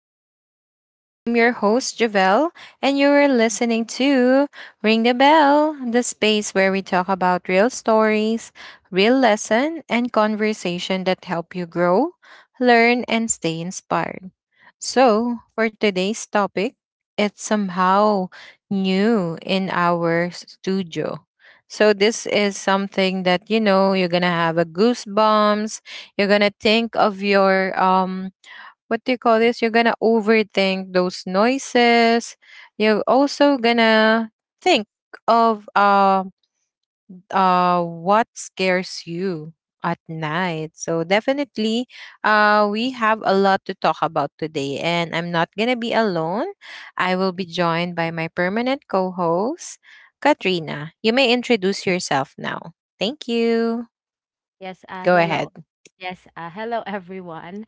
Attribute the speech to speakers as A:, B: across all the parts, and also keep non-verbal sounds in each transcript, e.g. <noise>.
A: show. I'm your host Javelle, and you are listening to Ring the Bell, the space where we talk about real stories, real lesson, and conversation that help you grow, learn, and stay inspired. So, for today's topic, it's somehow new in our studio. So this is something that you're gonna have a goosebumps, you're gonna think of your what do you call this? You're gonna overthink those noises. You're also gonna think of what scares you at night. So definitely we have a lot to talk about today, and I'm not gonna be alone. I will be joined by my permanent co-host, Katrina. You may introduce yourself now. Thank you.
B: Yes,
A: Go ahead.
B: hello. Yes, hello <laughs> everyone.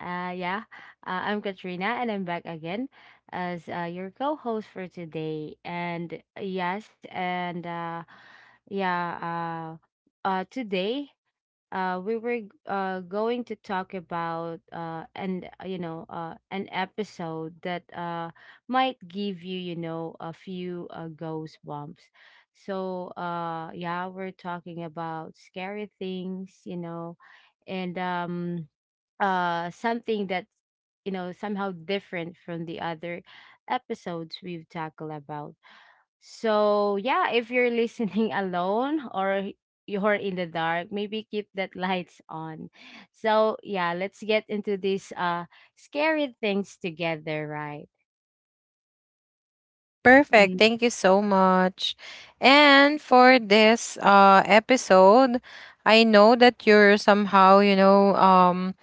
B: Uh, yeah, I'm Katrina and I'm back again as your co-host for today. And yes, and yeah, today we were going to talk about an an episode that might give you you know a few ghost bumps. So yeah, we're talking about scary things, and something that's somehow different from the other episodes we've tackled about. So, yeah, if you're listening <laughs> alone or you're in the dark, maybe keep that lights on. So, yeah, let's get into these scary things together, right?
A: Perfect.
B: Mm.
A: Thank you so much. And for this episode, I know that you're somehow,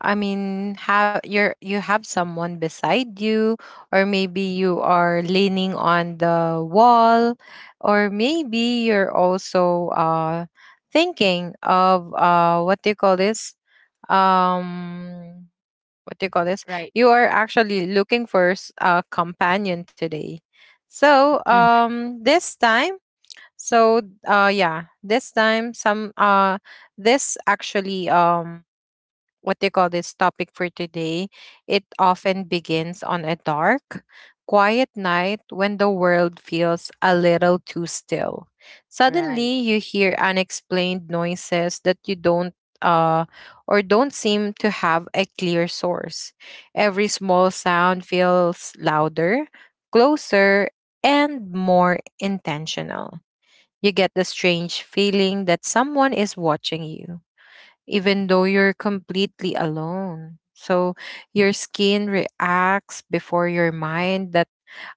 A: I mean, have you're you have someone beside you, or maybe you are leaning on the wall, or maybe you're also thinking of what do you call this? Um what do you call this?
B: Right.
A: You are actually looking for a companion today. So
B: Mhm.
A: this time, so yeah, this time some this actually what do you call this topic for today, it often begins on a dark, quiet night when the world feels a little too still.
B: Right.
A: Suddenly, you hear unexplained noises that you don't, uh, or don't seem to have a clear source. Every small sound feels louder, closer, and more intentional. You get the strange feeling that someone is watching you even though you're completely alone. So your skin reacts before your mind That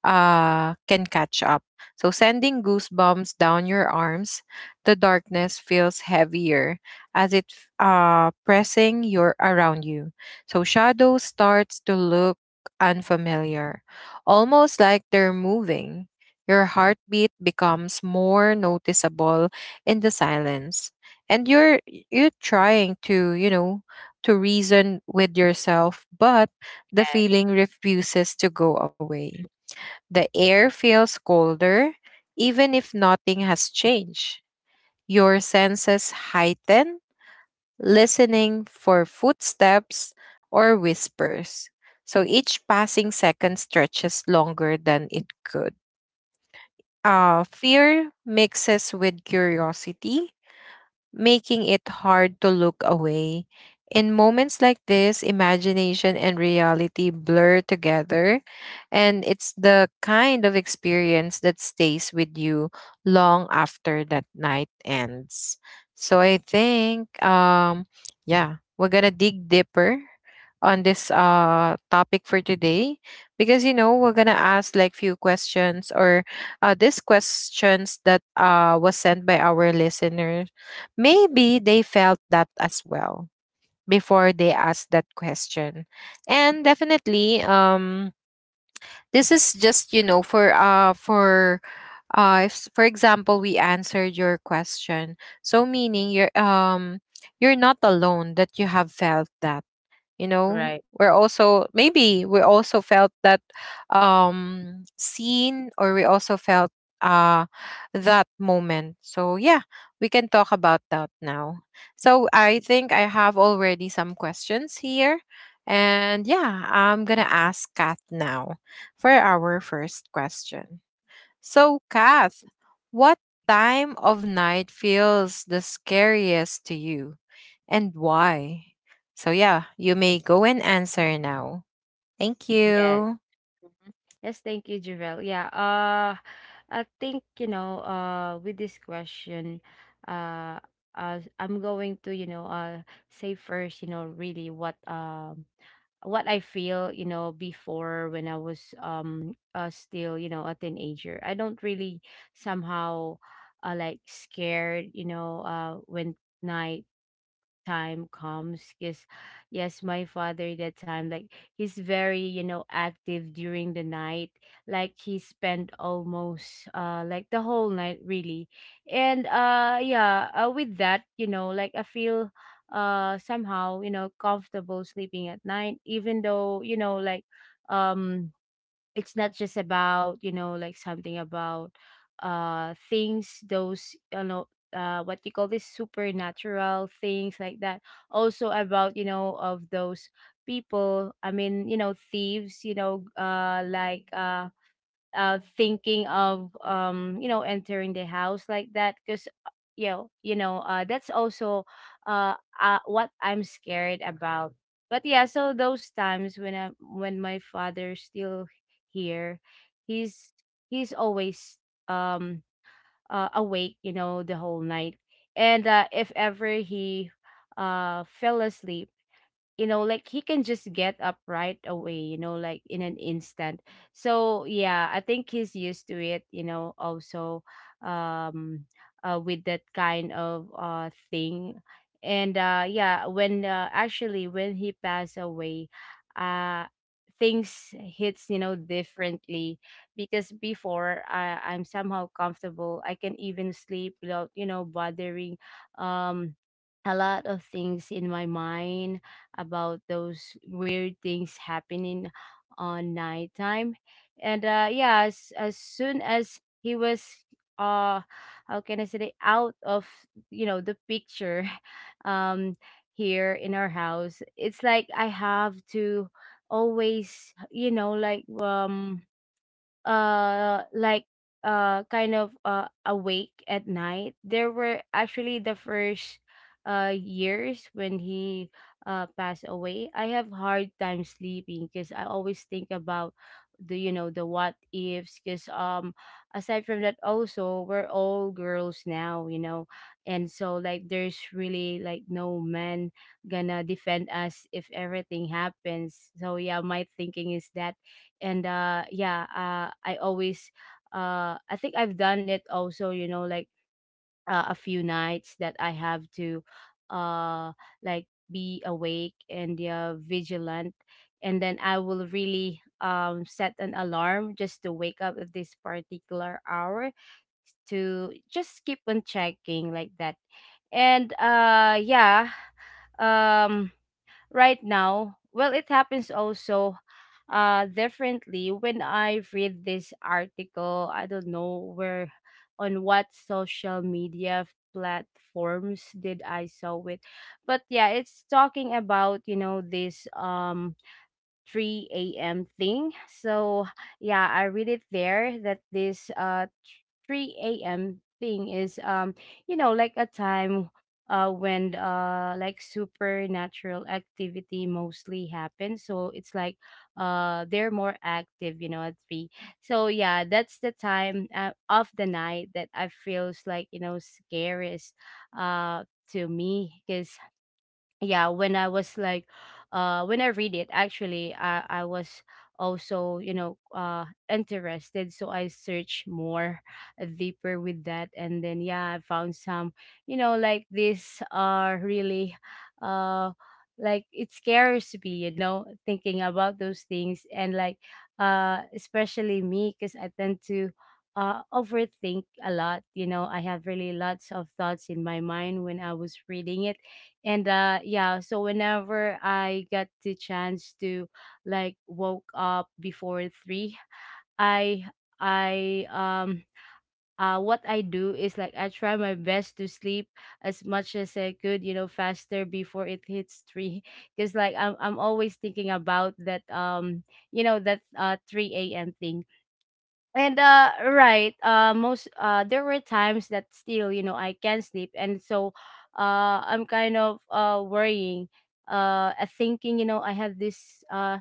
A: can catch up. So, sending goosebumps down your arms, the darkness feels heavier as pressing your around you. So, shadow starts to look unfamiliar, almost like they're moving. Your heartbeat becomes more noticeable in the silence, and you're trying to reason with yourself, but the
B: Yes.
A: feeling refuses to go away. The air feels colder, even if nothing has changed. Your senses heighten, listening for footsteps or whispers. So each passing second stretches longer than it could. Fear mixes with curiosity, making it hard to look away. In moments like this, imagination and reality blur together, and it's the kind of experience that stays with you long after that night ends. So I think, yeah, we're gonna dig deeper on this topic for today, because we're gonna ask like few questions, or these questions that was sent by our listeners. Maybe they felt that as well before they asked that question. And definitely, this is just for if, for example we answered your question, so meaning you're not alone that you have felt that,
B: Right.
A: we're also, maybe we also felt that, seen, or we also felt uh that moment. So yeah, we can talk about that now. So I think I have already some questions here, and yeah, I'm gonna ask Kath now for our first question. So, Kath, what time of night feels the scariest to you and why? So, yeah, you may go and answer now. Thank
B: Yes.
A: you.
B: Mhm. Yes, thank you, Javel. Yeah. I think, with this question, uh I'm going to, say first, really what I feel, before when I was still, a teenager. I don't really somehow like scared, when night time comes, because yes, my father that time, like, he's very active during the night, like he spent almost like the whole night really. And with that, like I feel somehow, comfortable sleeping at night, even though, like, um it's not just about, like something about things those, what you call this, supernatural things like that, also about, of those people, I mean, thieves, thinking of entering the house like that, because that's also, uh, what I'm scared about. But yeah, so those times when I when my father's still here, he's he's always, um awake, the whole night. And if ever he fell asleep, like he can just get up right away, like in an instant. So yeah, I think he's used to it, also, um with that kind of thing. And when, actually when he passed away, uh things hits, differently. Because before I'm somehow comfortable, I can even sleep without, bothering, um a lot of things in my mind about those weird things happening on nighttime. And yeah, as soon as he was, uh, how can I say, it, out of, the picture, <laughs> um, here in our house, it's like I have to always, like, uh like kind of awake at night. There were actually the first years when he passed away, I have hard time sleeping because I always think about the you know the what ifs, because, aside from that, also we're all girls now, and so, like, there's really like no man gonna defend us if everything happens. So yeah, my thinking is that. And I always, I think I've done it also, like, a few nights that I have to uh like be awake and, vigilant. And then I will really, set an alarm just to wake up at this particular hour, to just keep on checking like that. And um right now. Well, it happens also differently when I read this article. I don't know where, on what social media platforms did I saw it. But yeah, it's talking about, this 3 a.m. thing. So yeah, I read it there that this 3 a.m. thing is, like a time when, like, supernatural activity mostly happens. So it's like they're more active, at 3. So yeah, that's the time, of the night that I feels like, scariest uh to me, because yeah, when I was like, when I read it, actually I was also, interested, so I searched more, deeper with that. And then yeah, I found some, like, these are really, uh like, it scares me, thinking about those things. And, like, especially me, because I tend to overthink a lot, I have really lots of thoughts in my mind when I was reading it. And so, whenever I got the chance to like woke up before 3, I I what I do is, like, I try my best to sleep as much as I could, faster before it hits 3 <laughs> because, like, I'm always thinking about that, that 3 a.m. thing. And right, most there were times that still, I can't sleep. And so, I'm kind of, worrying, thinking, I have this uh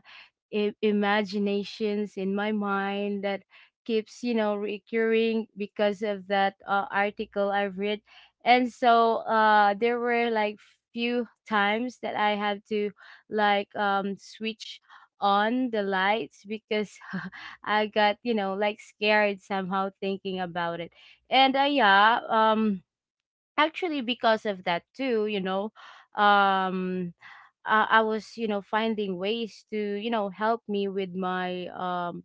B: I- imaginations in my mind that keeps, recurring, because of that, article I've read. And so, there were like few times that I had to, like, switch on the lights because <laughs> I got, like, scared somehow, thinking about it. And, actually, because of that too, um I was, finding ways to, help me with my,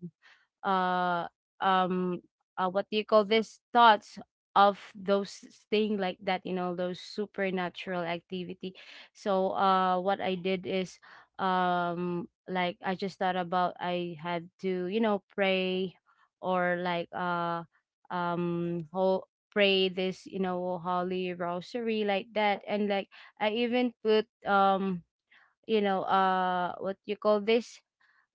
B: uh um what do you call this, thoughts of those thing like that, those supernatural activity. So, what I did is, like, I just thought about, I had to, pray, or like whole pray this, holy rosary, like that. And, like, I even put, what you call this?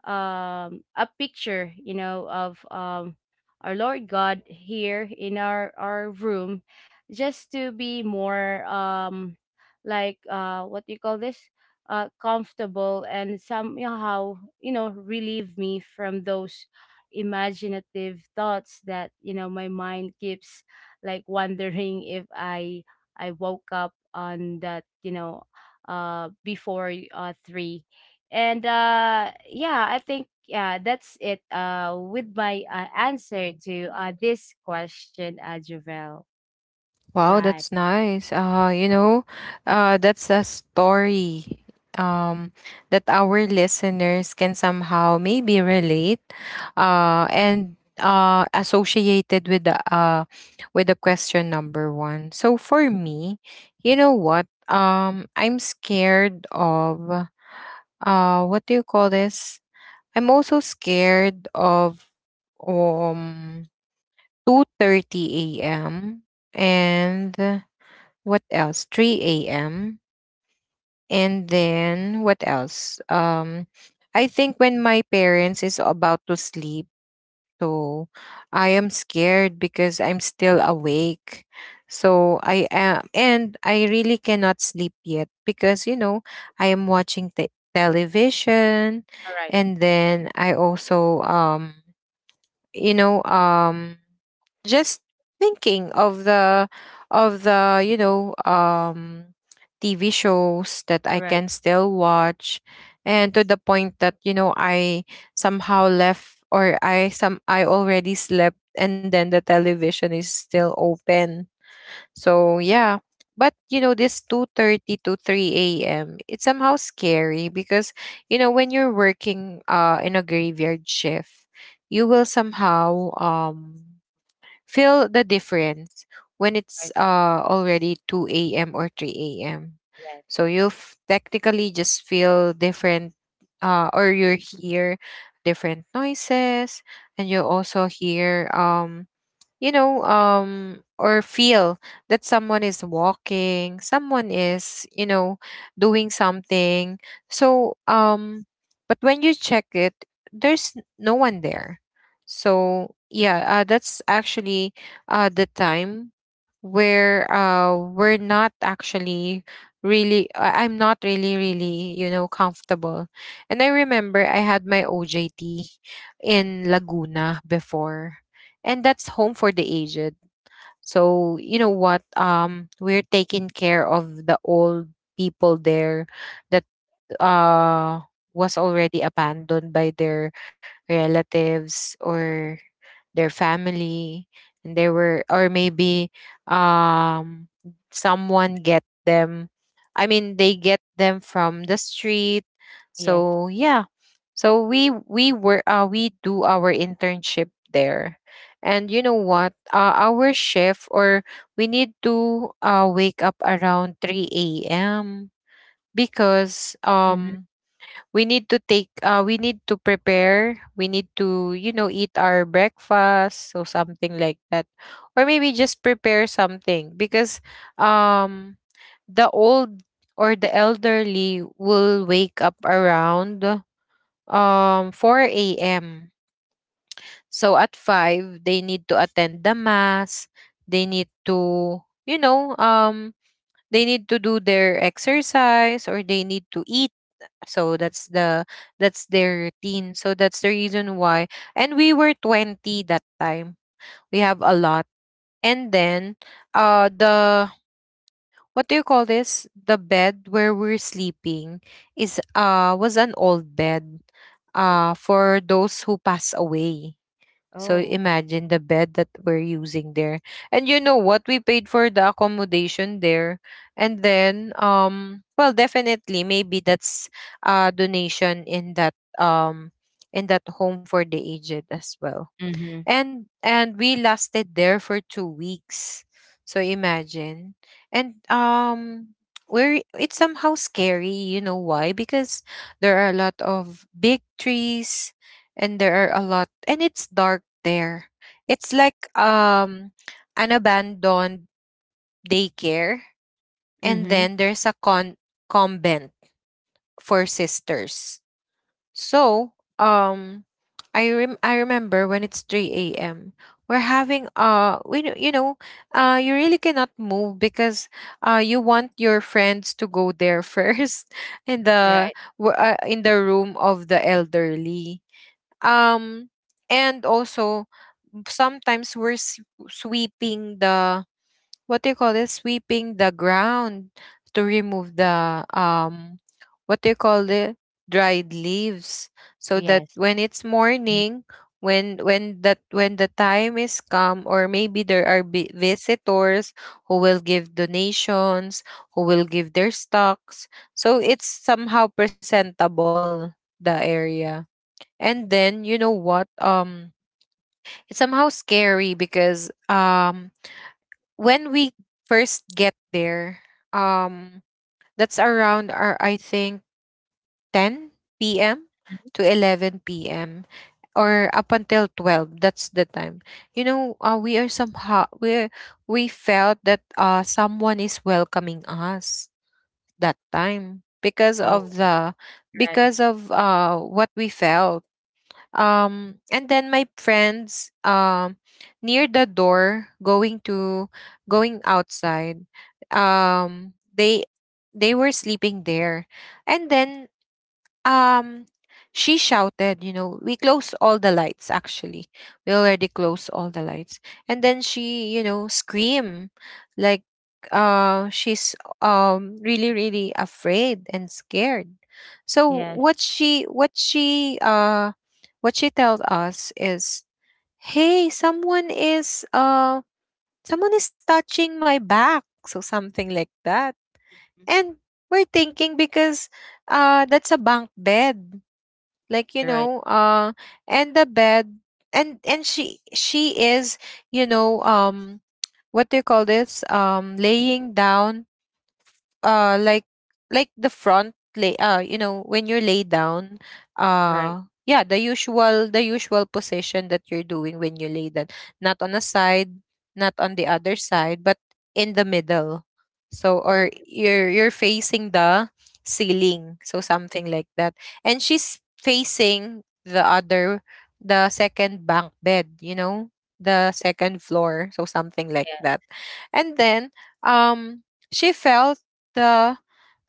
B: A picture, of, our Lord God, here in our room, just to be more, like, what do you call this, comfortable, and somehow, relieve me from those imaginative thoughts, that, my mind keeps like wondering if I woke up on that, before 3. And, I think yeah, that's it, with my, answer to this question, Javel.
A: Wow,
B: Right.
A: that's nice. You know, that's a story um, that our listeners can somehow maybe relate, and associated with the, with the question number one. So for me, you know what? I'm scared of, what do you call this? I'm also scared of um 2:30 a.m. and what else, 3 a.m, and then what else, I think when my parents is about to sleep. So I am scared because I'm still awake, so I am and I really cannot sleep yet because I am watching the television,
B: All right.
A: and then I also, you know um just thinking of the TV shows that I
B: Right.
A: can still watch. And to the point that I somehow left, or I already slept, and then the television is still open. So yeah, but this 2:30 to 3 a.m., it's somehow scary because when you're working in a graveyard shift, you will somehow feel the difference when it's
B: Right.
A: already 2 a.m. or 3 a.m.
B: Yes.
A: So you technically just feel different, or you hear different noises, and you also hear, or feel that someone is walking, someone is doing something. So, but when you check it, there's no one there. So, yeah, that's actually, the time where, we're not actually really, I'm not really, really, comfortable. And I remember I had my OJT in Laguna before, and that's home for the aged. So you know what? We're taking care of the old people there that uh was already abandoned by their relatives or their family, and they were, or maybe um someone get them, I mean they get them from the street,
B: Yes.
A: so yeah. So we do our internship there. And you know what, our shift, or we need to, wake up around 3 a.m because
B: Mm-hmm.
A: we need to take, we need to prepare, we need to, eat our breakfast, so something like that, or maybe just prepare something because um the old or the elderly will wake up around 4 a.m, so at 5 they need to attend the mass, they need to, you know um they need to do their exercise, or they need to eat. So that's their routine. So that's the reason why. And we were 20 that time, we have a lot. And then the what do you call this, the bed where we're sleeping is was an old bed
B: Right.
A: for those who pass away. So
B: Oh.
A: imagine the bed that we're using there. And you know what? We paid for the accommodation there. And then well definitely maybe that's a donation in that home for the aged as well.
B: Mm-hmm.
A: And we lasted there for 2 weeks, so imagine. And we're, it's somehow scary, you know why? Because there are a lot of big trees, and there are a lot and it's dark there. It's like an abandoned daycare. And
B: Mm-hmm.
A: then there's a con convent for sisters. So, I I remember when it's 3 a.m. We're having, we kn- you know, you really cannot move because, you want your friends to go there first <laughs> in the,
B: Right.
A: in the room of the elderly. Um, and also sometimes we're sweeping the, what do you call this, sweeping the ground to remove the what do you call the dried leaves, so that
B: Yes.
A: when it's
B: Mhm.
A: morning, when the time is come, or maybe there are visitors who will give donations, who will give their stocks, so it's somehow presentable the area. And then you know what, it's somehow scary because when we first get there, um, that's around our I think 10 p.m. to 11 p.m., or up until 12. That's the time. You know, we are somehow, we felt that someone is welcoming us that time, because
B: Oh.
A: of the,
B: Right.
A: because of what we felt. And then my friends, near the door going outside, um they they were sleeping there. And then, um, she shouted, we closed all the lights actually. We already closed all the lights. And then she, you know, screamed like she's really really afraid and scared. So
B: Yes.
A: what she told us is, "Hey, someone is, someone is touching my back." So something like that.
B: Mhm.
A: And we're thinking because that's a bunk bed, like you
B: Right.
A: know uh and the bed, and she is, you know um what do you call this, laying down, uh like like the front lay, you know, when you're laid down,
B: Right.
A: yeah, the usual position that you're doing when you lay down. Not on a side, not on the other side, but in the middle. So, or you're facing the ceiling, so something like that. And she's facing the other, the second bank bed, you know, the second floor, so something like
B: Yes.
A: that. And then, um she felt the,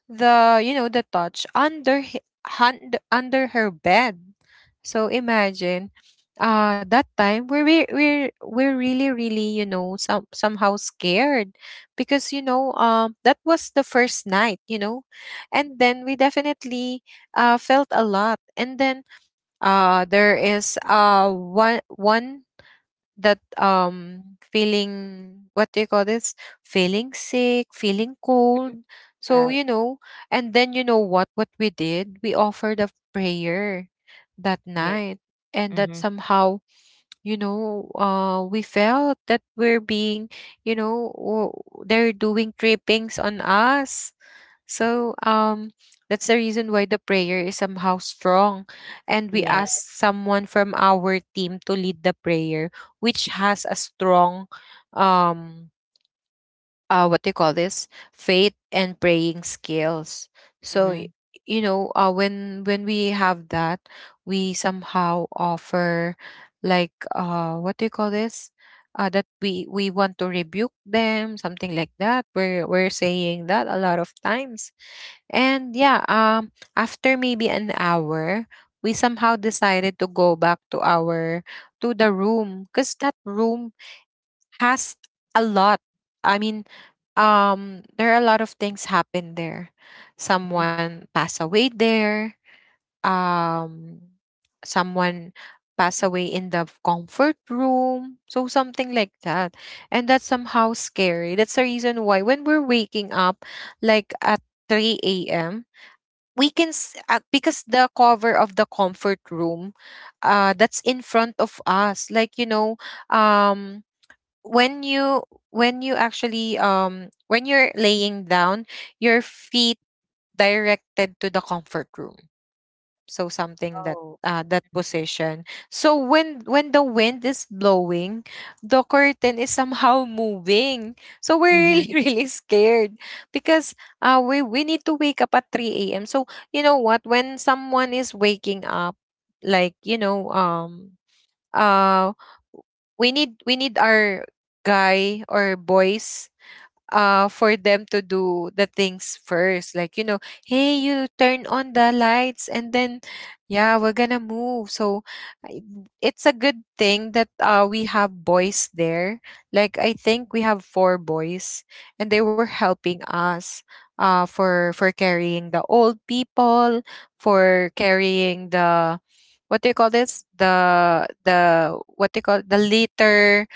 A: you know, the touch under hand, under her bed. So imagine, that time we're we're really really, you know, somehow scared, because, you know, that was the first night, you know. And then we definitely felt a lot. And then there is, one that, feeling, what do you call this, feeling sick, feeling cold,
B: All
A: so you
B: right.
A: know. And then, you know what we did, we offered a prayer that
B: Yes.
A: night. And that
B: Mm-hmm.
A: somehow, you know, we felt that we're being, you know, they're doing trippings on us. So, that's the reason why the prayer is somehow strong, and we
B: Yeah.
A: ask someone from our team to lead the prayer, which has a strong, um what do you call this, faith and praying skills. So
B: Mm-hmm.
A: you know, when we have that, we somehow offer, like, what do you call this, that we want to rebuke them, something like that, we're saying that a lot of times. And yeah, after maybe an hour, we somehow decided to go back to our, to the room, because that room has a lot. I mean, there are a lot of things happen there.
B: Mm-hmm.
A: Someone passed away there. Um, someone passed away in the comfort room. So something like that. And that's somehow scary. That's the reason why when we're waking up, like at 3 a.m, we can because the cover of the comfort room, that's in front of us, like, you know, um when you, when you actually, when you're laying down, your feet directed to the comfort room, so something that,
B: Oh.
A: that position. So when the wind is blowing, the curtain is somehow moving, so we're
B: Mm-hmm.
A: really <laughs> really scared. Because we need to wake up at 3 a.m. So you know what, when someone is waking up, like you know um uh we need our guy or boys, for them to do the things first. Like, you know, hey, you turn on the lights, and then, yeah, we're gonna move. So I- it's a good thing that, we have boys there. Like, I think we have four boys, and they were helping us, for carrying the old people, for carrying the, what do you call this, the, what do you call, the litter,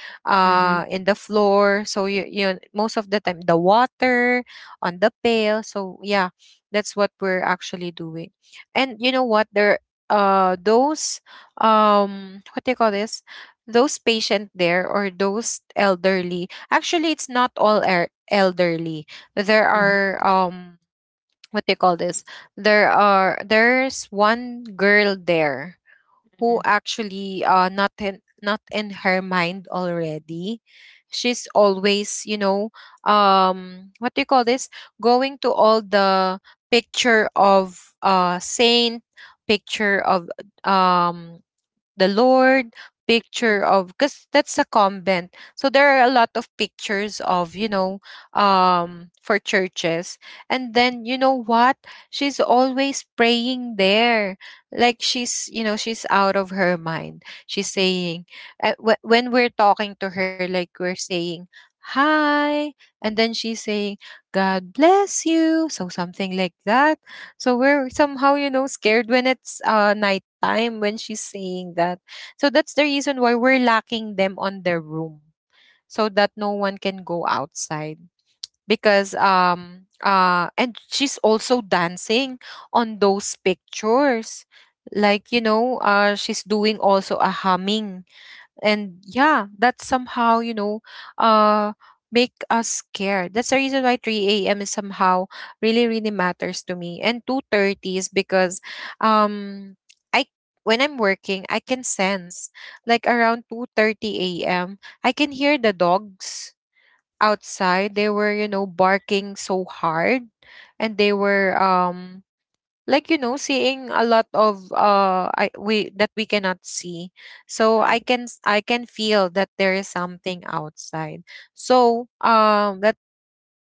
B: Mm-hmm.
A: in the floor, so you, most of the time the water on the pail. So yeah, that's what we're actually doing. And you know what, there, those, what do you call this, those patient there, or those elderly, actually it's not all elderly. There
B: Mm-hmm. Mm-hmm.
A: are, what do you call this, there are, there's one girl there, who
B: Mm-hmm.
A: actually, not in, not in her mind already. She's always, you know, what do you call this, going to all the picture of, saint, picture of, um the Lord, picture
B: Mm-hmm.
A: of, because that's a convent. So there are a lot of pictures of, you know, for churches. And then you know what, she's always praying there, like she's, you know, she's out of her mind. She's saying, when we're talking to her, like we're saying hi, and then she's saying, god bless you, so something like that. So we're somehow, you know, scared when it's night time, when she's saying that. So that's the reason why we're locking them on their room, so that no one can go outside. Because and she's also dancing on those pictures, like, you know, she's doing also a humming. And yeah, that somehow, you know, uh make us scared. That's the reason why 3 a.m is somehow really really matters to me. And 2:30 is because, um I, when I'm working, I can sense, like, around 2:30 a.m, I can hear the dogs outside, they were, you know, barking so hard. And they were, like, you know, seeing a lot of, I we, that we cannot see. So I
B: Right.
A: can I can feel that there is something outside. So,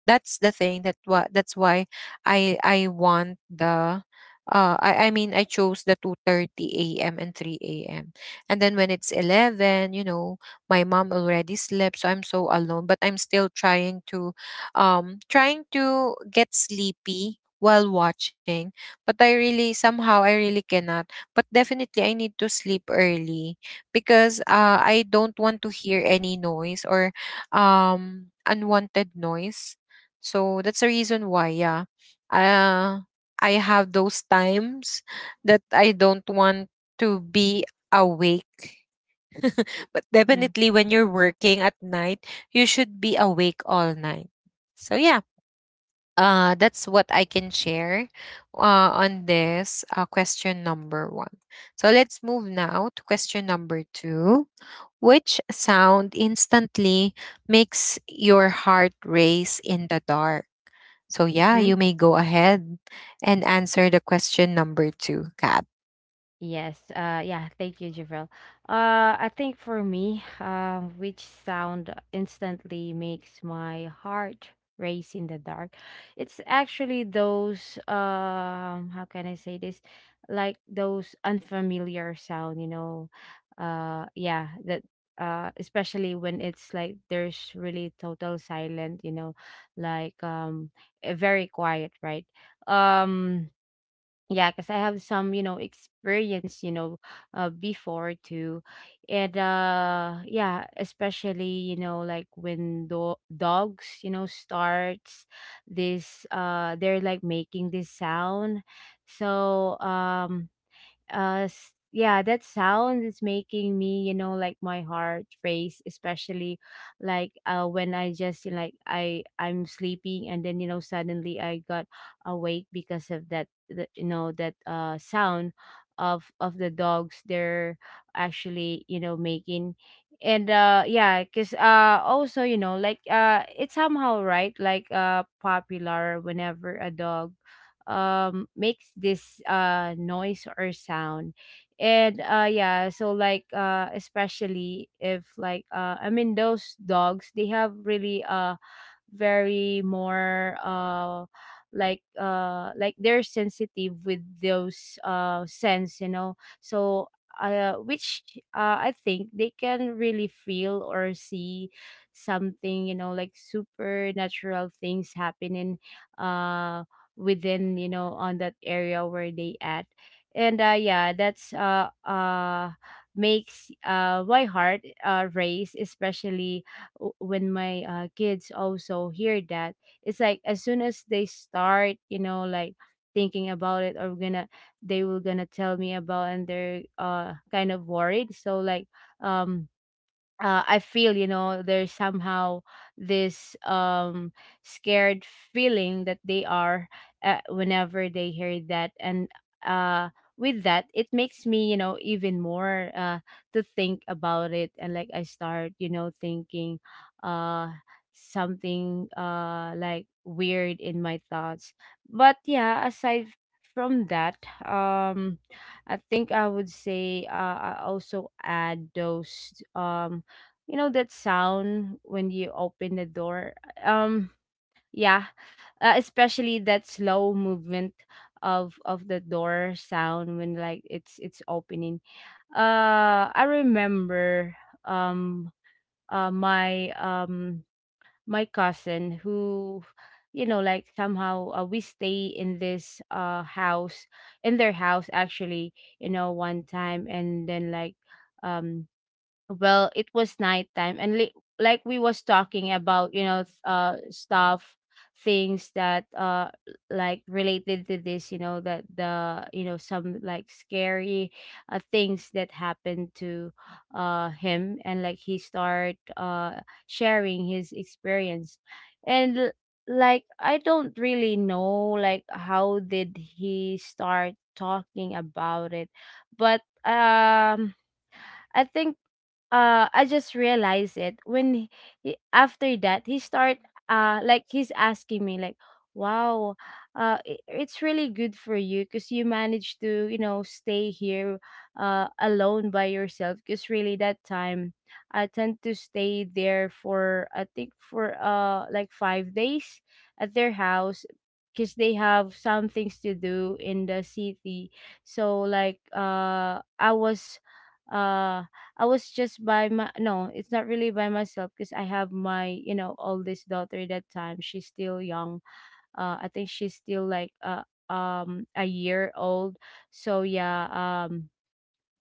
A: that's the thing that why, that's why I want the, I mean I chose the 2:30 a.m. and 3 a.m. And then when it's 11, you know, my mom already slept, so I'm so alone. But I'm still trying to, trying to get sleepy while watching, but I really somehow I really cannot. But definitely I need to sleep early, because I don't want to hear any noise, or unwanted noise. So that's the reason why, yeah. Uh, I have those times that I don't want to be awake. <laughs>
B: Right.
A: But
B: Mm-hmm.
A: definitely when you're working at night, you should be awake all night. So yeah, that's what I can share, on this, question number one. So let's move now to question number two. Which sound instantly makes your heart race in the dark? So yeah, you may go ahead and answer the question number two, Kat.
B: Yes. Yeah. Thank you, Javel. I think for me, which sound instantly makes my heart race in the dark? It's actually those. How can I say this? Like those unfamiliar sound. You know. Yeah. That. Especially when it's like there's really total silent. You know, like, very quiet, right? Um yeah, because I have some, experience, before too. And yeah, especially, like when dogs, starts this, they're like making this sound. So, yeah, that sound is making me, like, my heart race, especially like when I just like I'm sleeping, and then, suddenly I got awake because of that that sound of the dogs they're actually, making. And because also, like, it's somehow, right, like popular whenever a dog makes this noise or sound. And so like, especially if, like, I mean those dogs, they have really very more, like they're sensitive with those sense, you know. So, which, I think they can really feel or see something, like, supernatural things happening uh within, on that area where they at. And that's makes my heart race, especially when my, kids also hear that. It's like, as soon as they start, like, thinking about it, or gonna they will gonna tell me about. And they're kind of worried, so like, um I feel, there's somehow this scared feeling that they are, whenever they hear that. And, uh, with that, it makes me, even more, to think about it. And, like, I start, thinking, uh, something like weird in my thoughts. But yeah, aside from that, um, I think I would say, I also add those, um you know, that sound when you open the door. um yeah, especially that slow movement of the door sound when it's opening. I remember, um my my cousin who, you know, like, somehow, we stay in this house, in their house actually, you know, one time. And then like, um well, it was nighttime, and like we was talking about, you know, stuff, things that like related to this, you know, that the, you know, some like scary things that happened to him. And like he start sharing his experience. And like, I don't really know like how did he start talking about it. But I think, I just realized it when after that, he start, like he's asking me like, "Wow, it's really good for you because you managed to, you know, stay here alone by yourself." Because really that time I tend to stay there for, I think, for like 5 days at their house, because they have some things to do in the city. So I was, uh I was just by my— no, it's not really by myself because I have my, you know, oldest daughter that time. She's still young. I think she's still like a year old. So yeah, um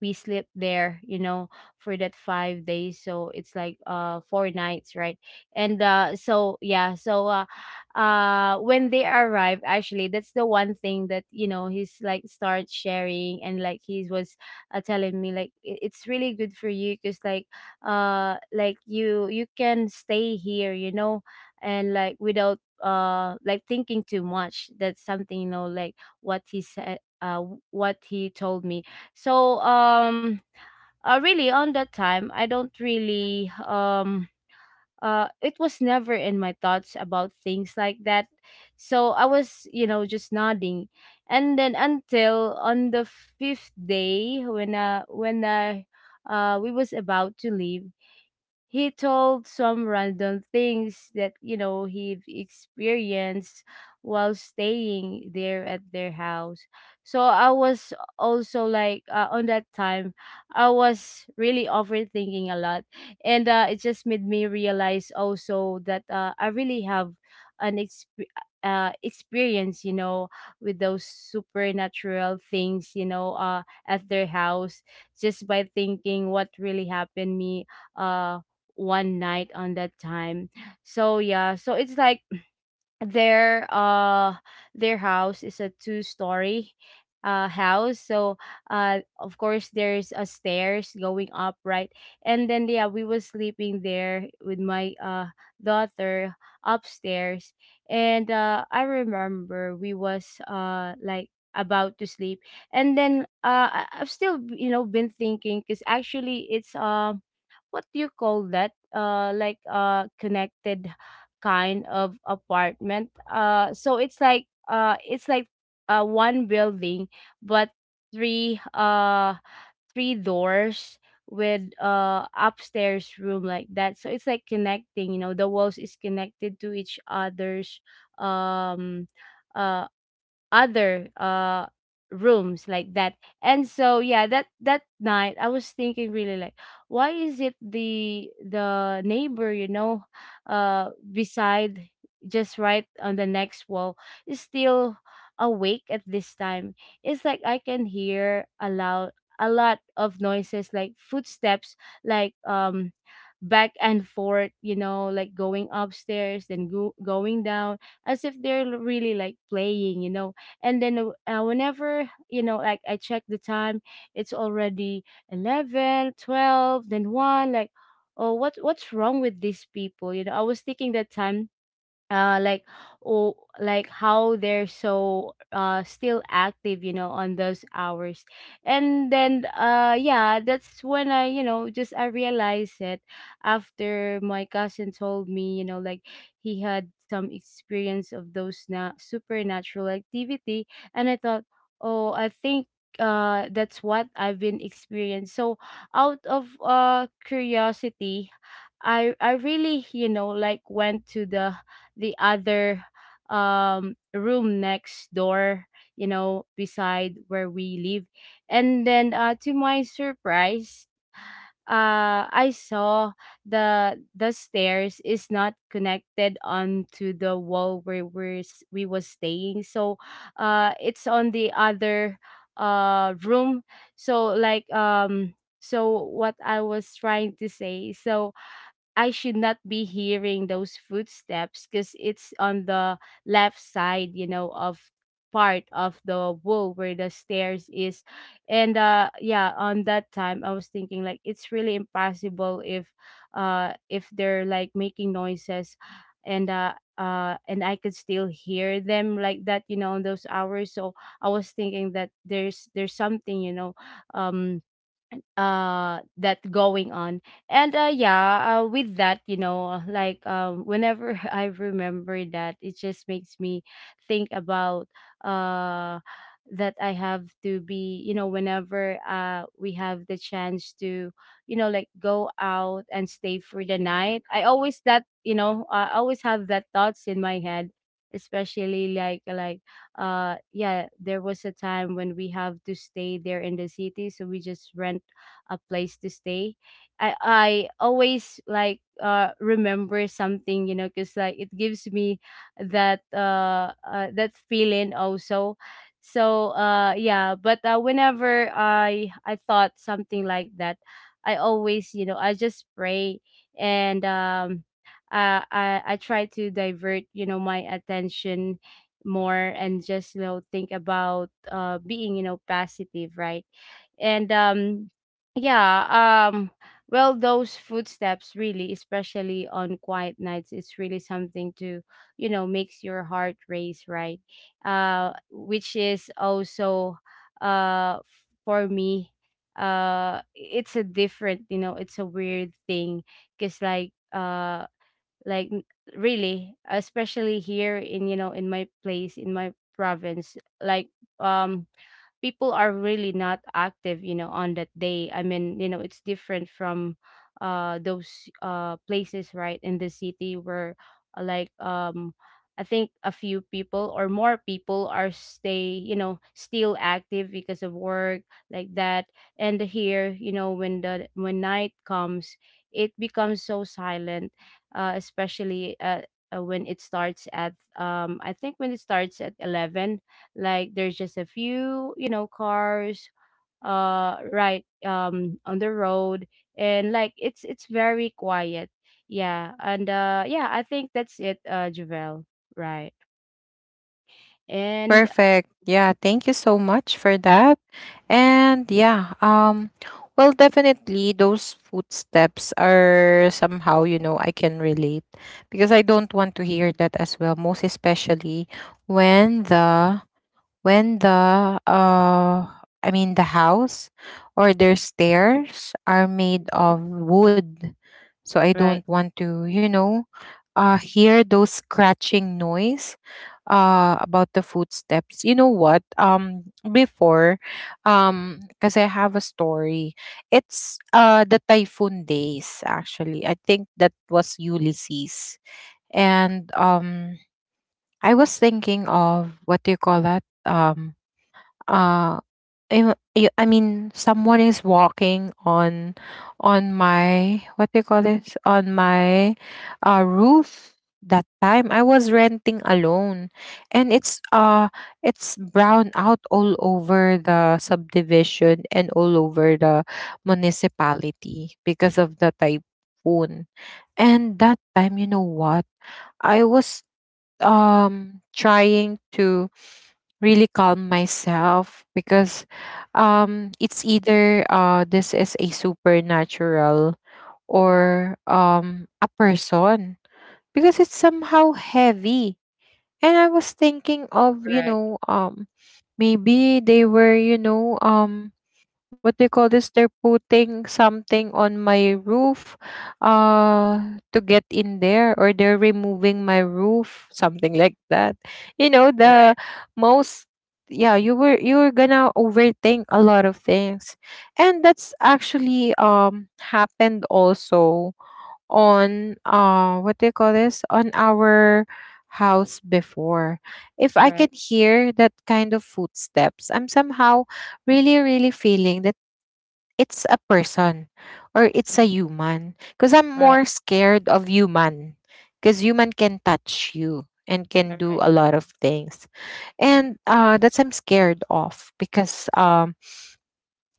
B: we sleep there, you know, for that 5 days, so it's like 4 nights, right? And when they arrived, actually, that's the one thing that, you know, he's like start sharing. And like he was telling me like, It's really good for you because like, like, you can stay here, you know, and like without like thinking too much." That's something, you know, like what he said, what he told me. So, really on that time, I don't really, it was never in my thoughts about things like that. So I was, you know, just nodding. And then until on the fifth day when, when I, we was about to leave, he told some random things that, you know, he experienced while staying there at their house. So I was also like, on that time, I was really overthinking a lot. And, it just made me realize also that, I really have an experience, you know, with those supernatural things, you know, at their house, just by thinking what really happened me uh one night on that time. So yeah, so it's like, their uh their house is a two story house. So of course there's a stairs going up, right? And then yeah, we was sleeping there with my daughter upstairs. And I remember we was, like, about to sleep. And then, I've still, you know, been thinking, because actually it's, what do you call that, connected kind of apartment. So it's like, one building, but three three doors with upstairs room like that. So it's like connecting. You know, the walls is connected to each other's, um uh other rooms like that. And so yeah, that night I was thinking really, like, why is it the neighbor, you know, beside, just right on the next wall, is still awake at this time? It's like I can hear a loud— a lot of noises, like footsteps, like, back and forth, you know, like going upstairs then, going down, as if they're really like playing, you know. And then whenever, you know, like I check the time, it's already 11, 12, then 1, like, "Oh, what— what's wrong with these people?" You know, I was thinking that time, like, "Oh, like how they're so, still active, you know, on those hours." And then yeah, that's when I, you know, just, I realized it, after my cousin told me, you know, like he had some experience of those supernatural activity. And I thought, "Oh, I think that's what I've been experienced." So out of curiosity, I really, you know, like went to the other room next door, you know, beside where we live. And then to my surprise, I saw the stairs is not connected onto the wall where we was staying. So it's on the other room. So like, so what I was trying to say, so I should not be hearing those footsteps because it's on the left side, you know, of part of the wall where the stairs is. And yeah, on that time I was thinking like it's really impossible if, if they're like making noises, and and I could still hear them like that, you know, on those hours. So I was thinking that there's something, you know, um that going on. And with that, you know, like, whenever <laughs> I remember that, it just makes me think about, uh that I have to be, you know, whenever we have the chance to, you know, like go out and stay for the night, I always— that you know, I always have that thoughts in my head. Especially like, yeah, there was a time when we have to stay there in the city, so we just rent a place to stay. I always, like, remember something, you know, because like it gives me that, that feeling also. So yeah, but whenever I thought something like that, I always, you know, I just pray. And I try to divert, you know, my attention more, and just, you know, think about being, you know, positive, right? And um yeah um well, those footsteps, really, especially on quiet nights, it's really something to, you know, makes your heart race, right? Which is also, for me, it's a different, you know, it's a weird thing, because, like n- really, especially here in, you know, in my place, in my province, like, um people are really not active, you know, on that day. I mean, you know, it's different from those places right in the city, where, uh, like um I think a few people or more people are stay, you know, still active because of work like that. And here, you know, when the— when night comes, it becomes so silent, especially, when it starts at, I think when it starts at 11, like there's just a few, you know, cars right on the road. And like it's very quiet. Yeah, and yeah, I think that's it, Javel, right? And
A: Perfect. Yeah, thank you so much for that. And yeah, well, definitely those footsteps are somehow, you know, I can relate, because I don't want to hear that as well, most especially when the, when the uh I mean the house, or their stairs, are made of wood. So I
B: right,
A: don't want to, you know, hear those scratching noise, about the footsteps. You know what? Before, because I have a story. It's, the typhoon days, actually. I think that was Ulysses. And, I was thinking of, what do you call that? Uh I mean someone is walking on my, what do you call this, on my, roof. That time I was renting alone, and it's, it's brown out all over the subdivision, and all over the municipality, because of the typhoon. And that time, you know what, I was, trying to really calm myself. Because, it's either, this is a supernatural, or a person, because it's somehow heavy. And I was thinking of, you
B: right,
A: know, maybe they were, you know, what do you call this, they're putting something on my roof, to get in there, or they're removing my roof, something like that. You know,
B: right,
A: the most, yeah, you were, you were gonna overthink a lot of things. And that's actually, happened also on, what do you call this, on our house before. If I can
B: right.
A: hear that kind of footsteps, I'm somehow really, really feeling it's a person, or it's
B: Mhm,
A: a human. Because I'm
B: right.
A: more scared of human. Because human can touch you and
B: All
A: can do
B: right.
A: a lot of things. And, that's I'm scared of. Because,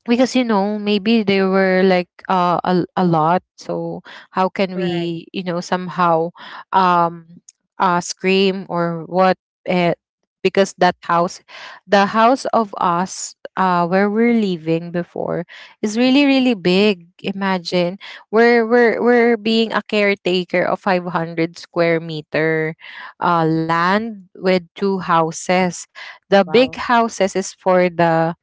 A: because you know maybe they were like, a lot. So how can
B: Right.
A: we, you know, somehow, um scream or what, uh, because that house, the house of us, where we're living before, is really really big. Imagine, we're being a caretaker of 500 square meter, land with two houses. The big
B: Wow.
A: houses is for the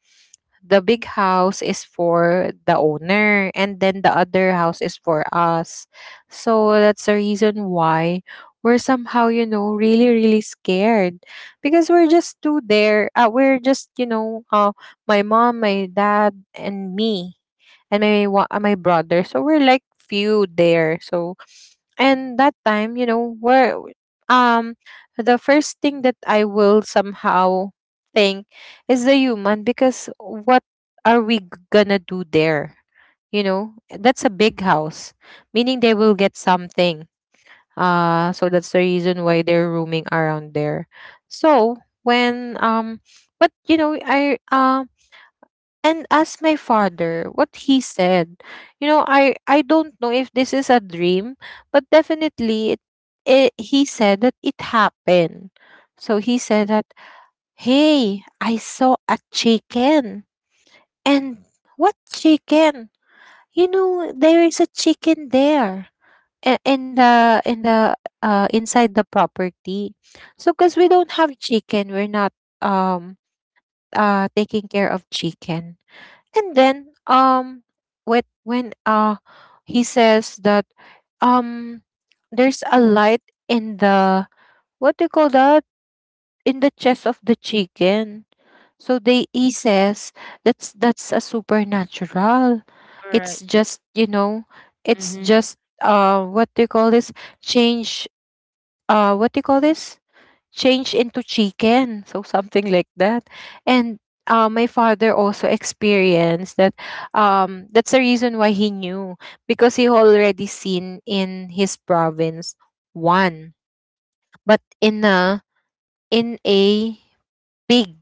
A: the big house is for the owner, and then the other house is for us. So that's the reason why we're somehow, you know, really really scared. Because we're just two there. We're just, you know, my mom, my dad, and me, and my my brother. So we're like few there. So, and that time, you know, where, um the first thing that I will somehow think is the human. Because what are we gonna do there? You know, that's a big house, meaning they will get something. So that's the reason why they're roaming around there. So, when, but you know, I, and asked my father what he said. You know, I don't know if this is a dream, but definitely it, it, he said that it happened. So he said that, "Hey, I saw a chicken." And what chicken? You know, there is a chicken there, in the, in the inside the property. So because we don't have chicken, we're not, um taking care of chicken. And then, when he says that, um there's a light in the, what do you call that, in the chest of the chicken. So they, he says, that's a supernatural.
B: All right.
A: It's just, you know, it's
B: Mm-hmm.
A: just, what do you call this, change, what do you call this, changed into chicken, so something like that. And, my father also experienced that. That's the reason why he knew, because he already seen in his province one, but in a, in a pig.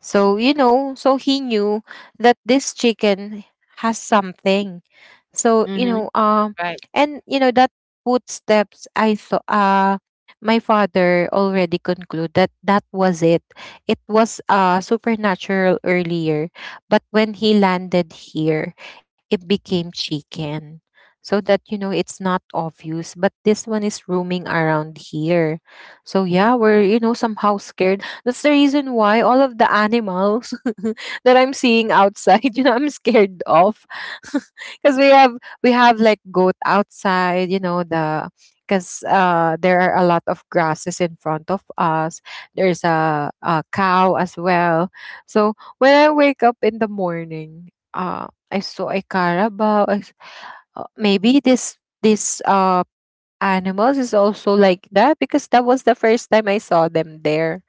A: So, you know, so he knew that this chicken has something. So, you
B: Mm-hmm.
A: know,
B: Right,
A: and you know that footsteps, I thought, my father already concluded that that was it. It was, supernatural earlier, but when he landed here, it became chicken. So that, you know, it's not obvious, but this one is roaming around here. So yeah, we're, you know, somehow scared. That's the reason why all of the animals <laughs> that I'm seeing outside, <laughs> you know, I'm scared of. <laughs> Because we have like goat outside, you know, the because there are a lot of grasses in front of us. There's a cow as well. So when I wake up in the morning, I saw a carabao. Maybe this animals is also like that because that was the first time I saw them there,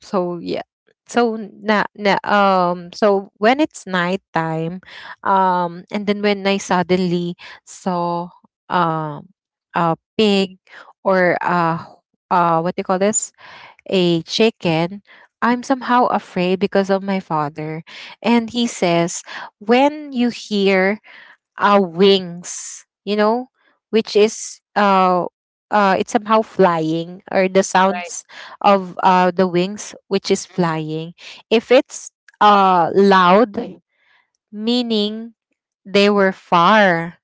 A: so yeah. So na, na so when it's nighttime, and then when I suddenly saw um a pig or what do you call this? A chicken, I'm somehow afraid because of my father. And he
B: right,
A: says, when you hear our wings, which is it's somehow flying, or the
B: right.
A: sounds of the wings which is
B: Mm-hmm.
A: flying. If it's loud, meaning they were far.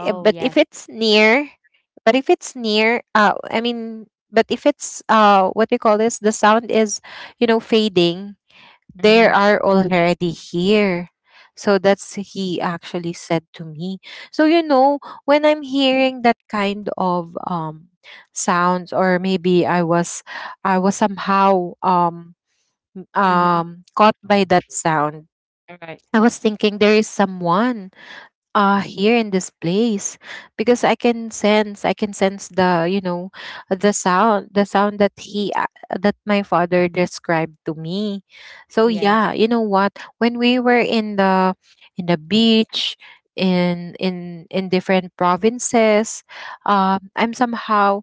A: Eh, But
B: yes.
A: if it's near, I mean, but if it's what do you call this? The sound is, fading, they
B: Mm-hmm.
A: are already here. So that's he actually said to me. So, when I'm hearing that kind of sounds, or maybe I was somehow
B: Mm-hmm.
A: caught by that sound,
B: All right.
A: I was thinking there is someone here in this place, because I can sense the, the sound that he that my father described to me, so
B: Yes,
A: yeah. You know what, when we were in the, beach, in different provinces, I'm somehow,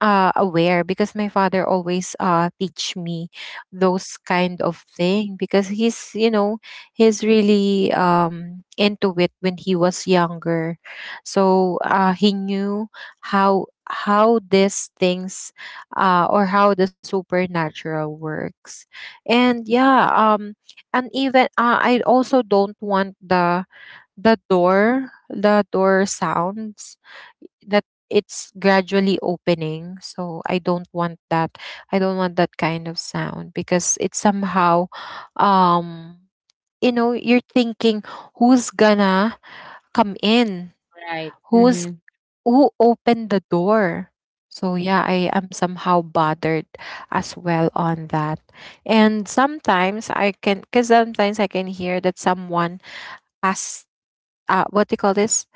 A: aware because my father always teach me those kind of thing, because he's you know he's really, into it when he was younger. So he knew how these things, or how the supernatural works. And yeah, and even, I also don't want the, the door sounds that it's gradually opening, so I don't want that kind of sound, because it somehow, um you're thinking who's gonna come in,
B: right.
A: who's
B: Mm-hmm.
A: who opened the door. So yeah, I am somehow bothered as well on that. And sometimes I can because sometimes I can hear that someone pass, what do you call this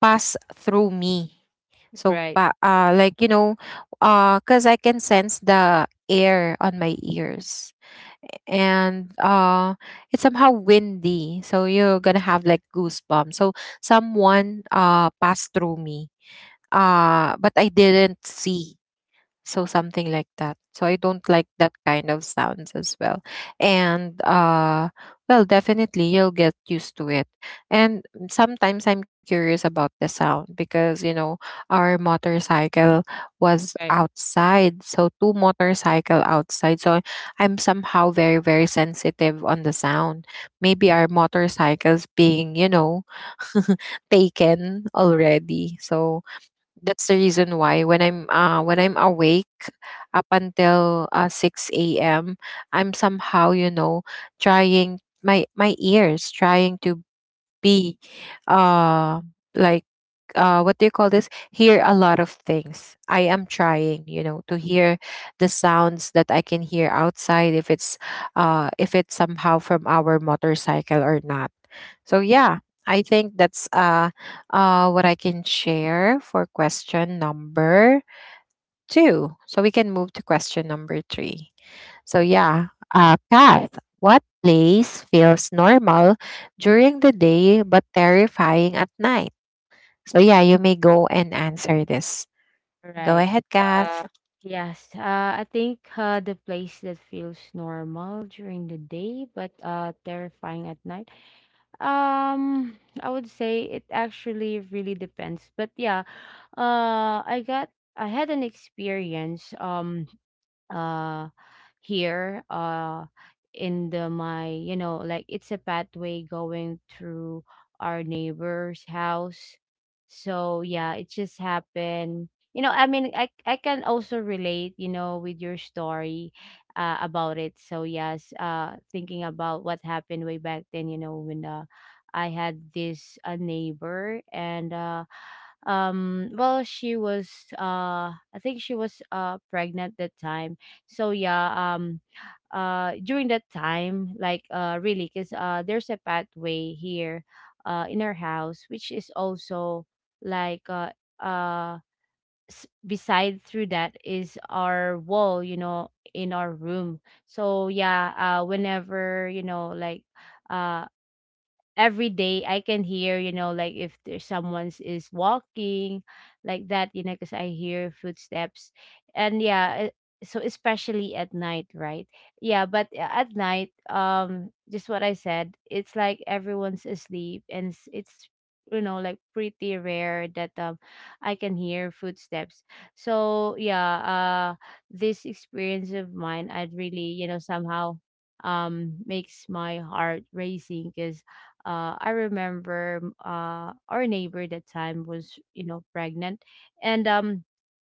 A: pass through me. So,
B: Right,
A: like, because I can sense the air on my ears. And it's somehow windy, so you're gonna have like goosebumps. So someone passed through me, but I didn't see. So something like that. So I don't like that kind of sounds as well. And well, definitely you'll get used to it. And sometimes I'm curious about the sound, because our motorcycle was
B: right.
A: outside. So two motorcycle outside. So I'm somehow very, very sensitive on the sound. Maybe our motorcycles being, <laughs> taken already. So that's the reason why when I'm awake up until 6 a.m., I'm somehow, trying my, ears trying to be, uh like, what do you call this, hear a lot of things. I am trying, to hear the sounds that I can hear outside, if it's somehow from our motorcycle or not. So yeah, I think that's, what I can share for question number two. So we can move to question number three. So yeah, Kath, what place feels normal during the day but terrifying at night? So yeah, you may go and answer this. Go
B: Right.
A: ahead, Kath.
B: Yes. I think, the place that feels normal during the day but, terrifying at night— I would say it actually really depends. But yeah, uh, I got I had an experience. Uh here, in the my, you know, like, it's a pathway going through our neighbor's house. So yeah, it just happened, you know. I mean, I can also relate, you know, with your story, about it. So yes, thinking about what happened way back then, you know, when, I had this, a neighbor. And well, she was, I think she was pregnant that time. So yeah, during that time, like, really, because there's a pathway here in our house, which is also like, uh beside through that is our wall, you know, in our room. So yeah, whenever, you know, like, uh every day I can hear, you know, like, if there's someone's is walking like that, you know, because I hear footsteps. And yeah, so especially at night, right? Yeah, but, at night, just what I said, it's like everyone's asleep, and it's you know, like pretty rare that I can hear footsteps. So this experience of mine I'd really, somehow makes my heart racing because I remember our neighbor that time was pregnant, and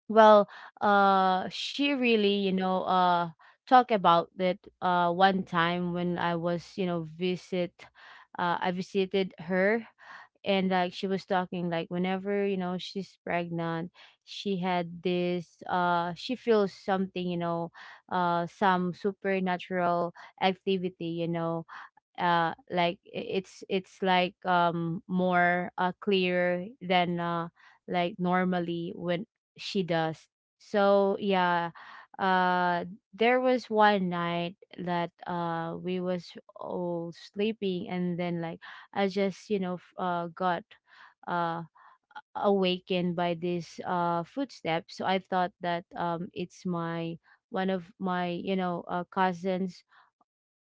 B: well she really talk about that one time when I was you know visit I visited her, and like she was talking like whenever she's pregnant she had this, she feels something, some supernatural activity, like it's like more clear than like normally when she does. So yeah uh there was one night that we was all sleeping, and then like I just got uh awakened by this footstep, so I thought that it's my one of my, cousins,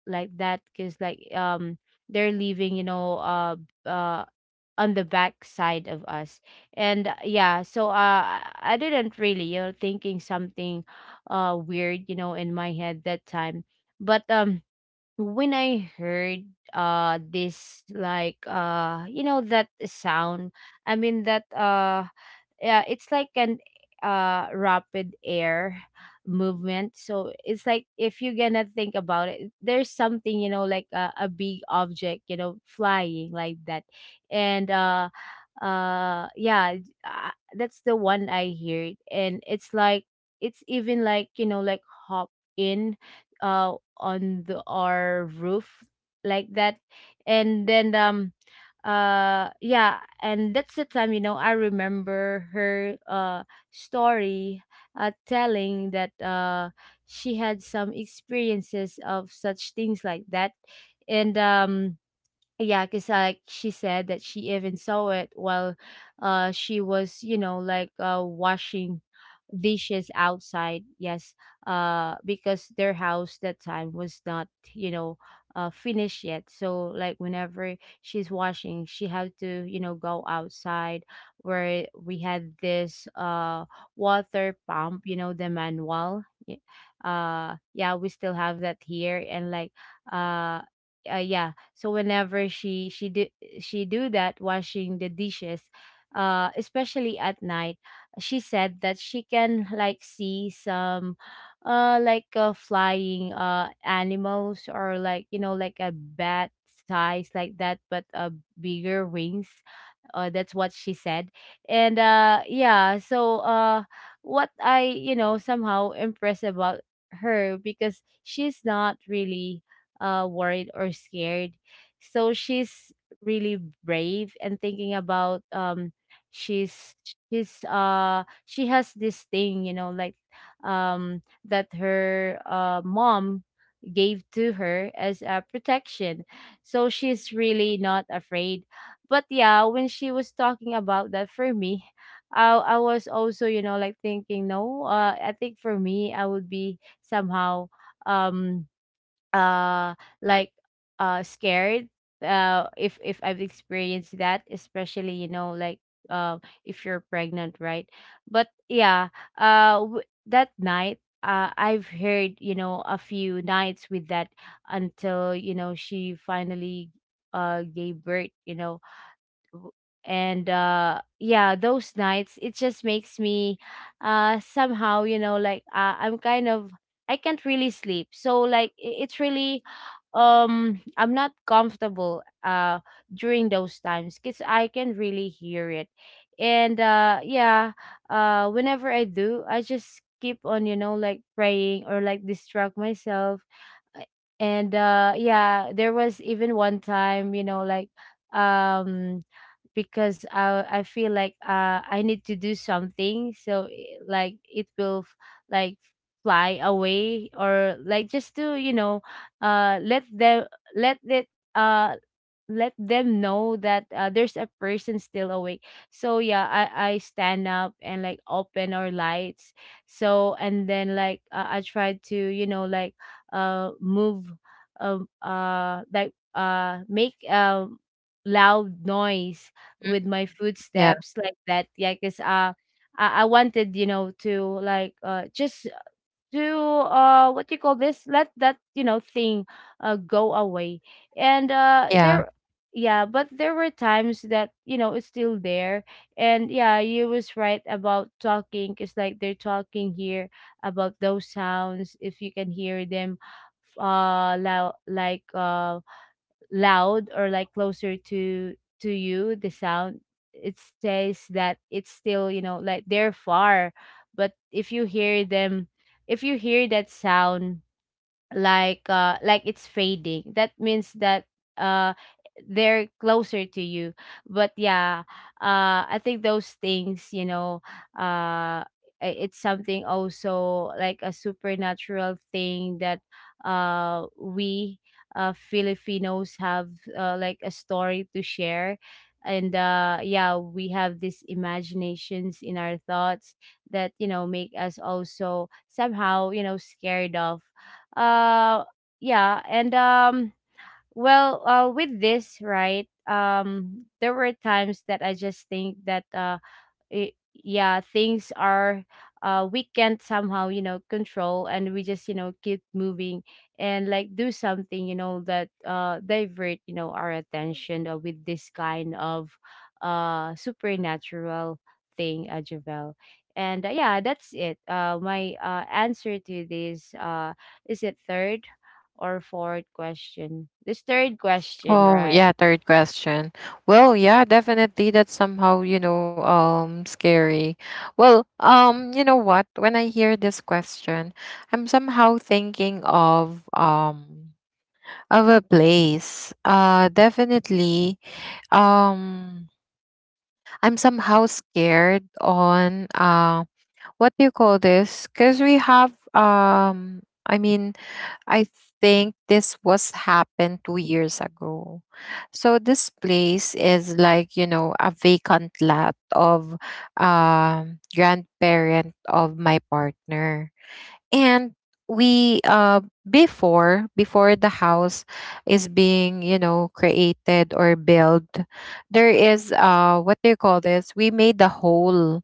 B: like that, because like they're leaving, uh on the back side of us. And I didn't really, thinking something weird, in my head that time. But when I heard this like that sound, I mean that yeah, it's like an rapid air movement. So it's like if you're gonna think about it, there's something, like a big object, flying like that. And yeah uh, that's the one I hear, and it's like it's even like, like hop in on the our roof like that. And then um uh yeah, and that's the time, I remember her story, telling that she had some experiences of such things like that. And Yeah, because like she said that she even saw it while she was, like washing dishes outside. Yes. Because their house that time was not, you know, finished yet. So like whenever she's washing, she had to, go outside where we had this water pump, the manual. Y- yeah, we still have that here, and like uh uh, yeah so whenever she do that washing the dishes, especially at night, she said that she can like see some, flying animals, or like, like a bat size like that, but bigger wings. That's what she said. And yeah. So what I, somehow impressed about her, because she's not really worried or scared, so she's really brave. And thinking about she's she's she has this thing, like that her mom gave to her as a protection. So she's really not afraid. But yeah, when she was talking about that, for me, I was also, like thinking, no, I think for me I would be somehow um uh like scared if I've experienced that, especially, like uh if you're pregnant, right? But yeah, that night, I've heard, a few nights with that, until, she finally gave birth, w- and yeah, those nights, it just makes me somehow, like I'm kind of, I can't really sleep. So like it's really I'm not comfortable during those times, because I can really hear it. And yeah, whenever I do, I just keep on, like praying or like distract myself. Uh, and yeah, there was even one time, like um because I feel like I need to do something, so like it will like fly away, or like just to, uh let them let it let them know that, there's a person still awake. So yeah, I stand up and like open our lights. So and then like, I try to, like move, make loud noise
A: Mhm.
B: with my
A: Yeah,
B: footsteps, like that, yeah. Because I wanted, to like just to what you call this, let that, thing go away. and uh
A: yeah.
B: there yeah, but there were times that, it's still there. And yeah, you was right about talking, it's like they're talking here about those sounds. If you can hear them loud, like loud, or like closer to you, the sound, it says that it's still, like they're far. But if you hear them, if you hear that sound like, it's fading, that means that uh they're closer to you. But yeah, I think those things, uh it's something also like a supernatural thing that we Filipinos have, like a story to share. And yeah, we have these imaginations in our thoughts that, make us also somehow, scared of. Uh yeah and well With this, right? There were times that I just think that, yeah, things are, we can't somehow, control, and we just, keep moving and like do something, that divert, our attention, with this kind of supernatural thing, Javel. And yeah, that's it, my answer to this. Is it third or fourth question? This third question,
A: Oh,
B: right?
A: yeah, third question. Well, yeah, definitely that's somehow, scary. Well, you know what? When I hear this question, I'm somehow thinking of, of a place. Definitely, um I'm somehow scared on, what do you call this? Cuz we have I mean, I think this was happened 2 years ago. So this place is like, a vacant lot of, grandparent of my partner. And, we before the house is being, created or built, there is, what do you call this? We made the hole,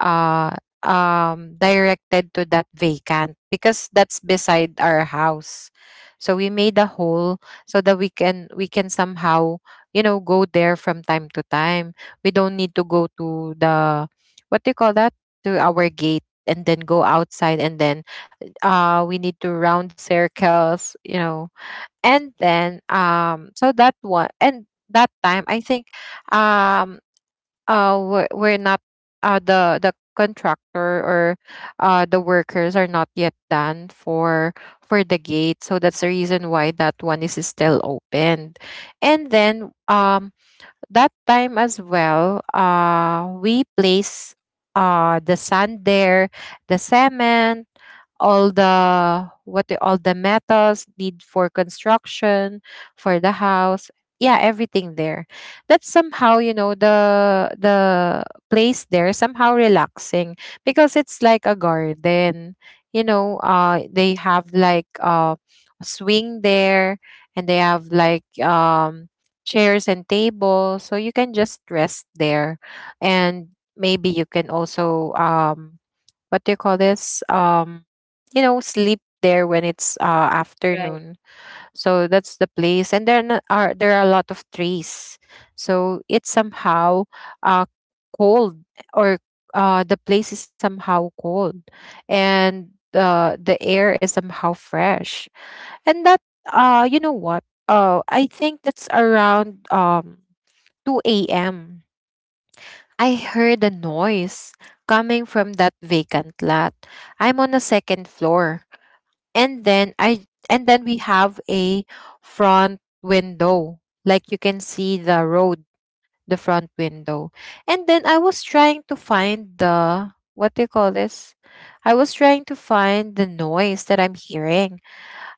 A: uh, directed to that vacant because that's beside our house. So we made a hole so that we can somehow, go there from time to time. We don't need to go to the, what do you call that, to our gate and then go outside, and then we need to round circles, and then, so that one. And that time I think, um we're not the, contractor or the workers are not yet done for, the gate, so that's the reason why that one is still opened. And then, that time as well, we place, the sand there, the cement, all all the metals need for construction for the house. Yeah, everything there. That's somehow, the, place there somehow relaxing, because it's like a garden. They have like, a swing there, and they have like, chairs and tables, so you can just rest there. And maybe you can also, what do you call this, sleep there when it's
B: Right.
A: afternoon. So that's the place. And then there are a lot of trees, so it's somehow, uh cold, or the place is somehow cold, and the air is somehow fresh. And that, you know what, I think that's around, 2 a.m. I heard a noise coming from that vacant lot. I'm on the second floor. And then, we have a front window. Like, you can see the road, the front window. And then, I was trying to find the what do you call this? I was trying to find the noise that I'm hearing.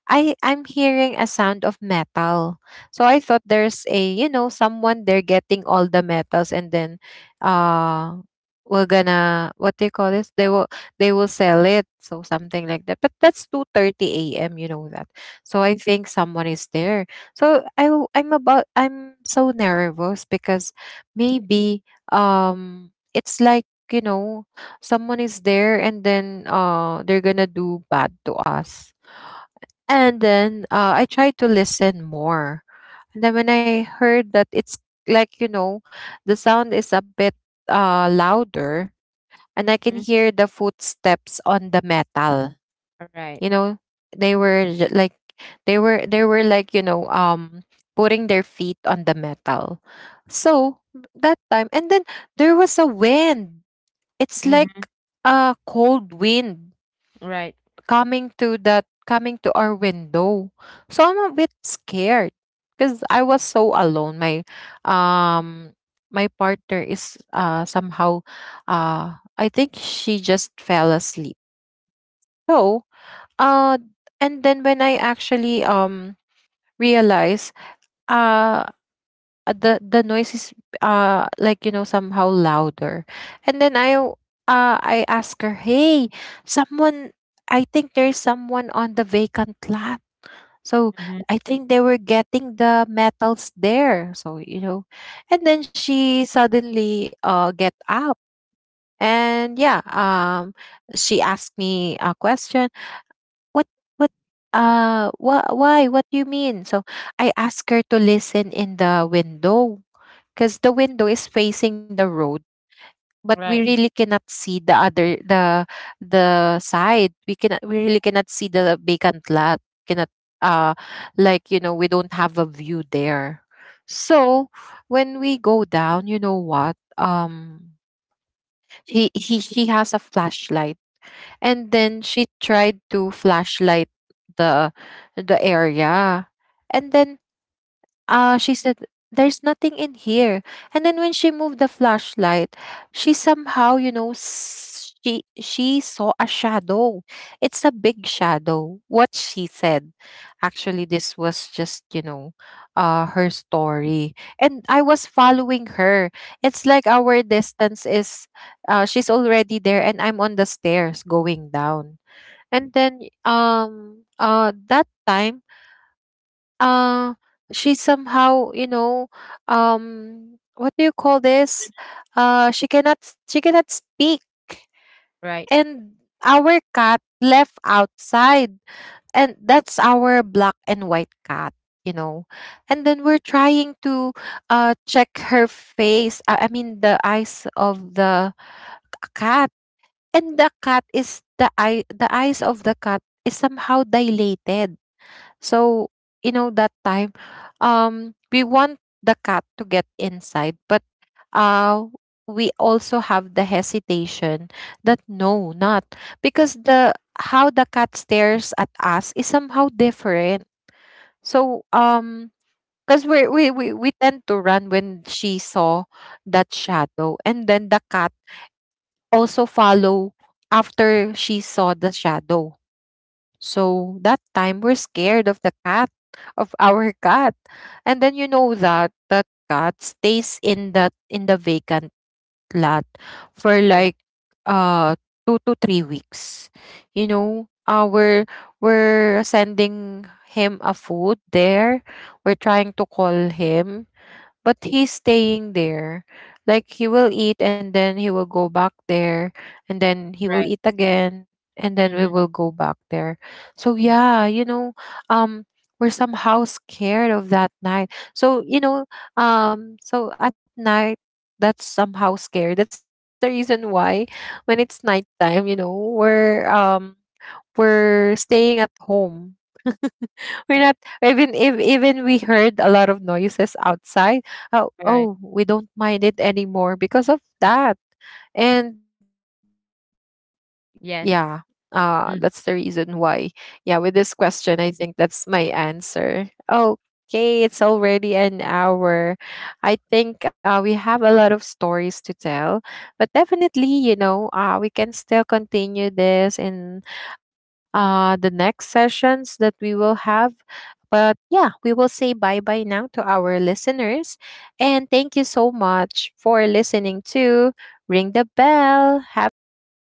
A: I'm hearing a sound of metal. So I thought there's a, someone there getting all the metals, and then uh we're gonna, what they call this, they will sell it. So something like that. But that's 2:30 a.m., you know that. So I think someone is there. So I'm so nervous because maybe, it's like, someone is there, and then they're gonna do bad to us. And then, I tried to listen more. And then when I heard that it's like, the sound is a bit, louder, and I can
B: Mhm.
A: hear the footsteps on the metal.
B: Right.
A: You know, they were j- like, they were like, putting their feet on the metal. So that time, and then there was a wind. It's like
B: Mhm.
A: a cold wind
B: Right.
A: coming to that, coming to our window. So I'm a bit scared because I was so alone. Um my partner is, somehow, I think she just fell asleep. So, uh and then when I actually, realize, uh the, noise is, like, somehow louder. And then, I ask her, "Hey, someone I think there's someone on the vacant lot." So
B: Mhm.
A: I think they were getting the metals there. So, and then she suddenly get up. And yeah, she asked me a question. What what wha- why what do you mean? So I asked her to listen in the window, because the window is facing the road, but we
B: Right.
A: really cannot see the other, the side. We really cannot see the vacant lot. Cannot uh like, we don't have a view there. So when we go down, you know what he she has a flashlight, and then she tried to flashlight the, area. And then, she said, "There's nothing in here." And then when she moved the flashlight, she somehow, she saw a shadow. It's a big shadow, what she said. Actually, this was just, her story. And I was following her. It's like, our distance is, she's already there and I'm on the stairs going down. And then, that time, uh she somehow, what do you call this, uh she cannot she cannot speak.
B: Right.
A: And our cat left outside, and that's our black and white cat, you know and then we're trying to, check her face, I mean the eyes of the cat. And the cat is the eyes of the cat is somehow dilated. So, that time, we want the cat to get inside, but, uh, we also have the hesitation that, no, not, because the how the cat stares at us is somehow different. So, because we tend to run when she saw that shadow, and then the cat also follow after she saw the shadow. So that time we're scared of the cat, of our <laughs> cat. And then you know that that cat stays in that, in the vacant lot for
B: Oh.
A: like, uh 2 to 3 weeks. You know, we're sending him a food there. We're trying to call him, but he's staying there. Like, he will eat and then he will go back there, and then he will
B: Right.
A: eat again, and then
B: Mm-hmm.
A: we will go back there. So yeah, um we're somehow scared of that night. So, so at night that's somehow scary. That's the reason why when it's nighttime, we're um we're staying at home <laughs> we're
B: Right.
A: not, even if even we heard a lot of noises outside. Oh,
B: Right.
A: oh, we don't mind it anymore because of that. And yeah, that's
B: Yes.
A: the reason
B: Mhm. Hmm.
A: why. Yeah, with this question, I think that's my answer. Okay, it's already an hour. I think, we have a lot of stories to tell, but definitely, we can still continue this in, the next sessions that we will have. But yeah, we will say bye bye now to our listeners. And thank you so much for listening to Ring the Bell. Have a great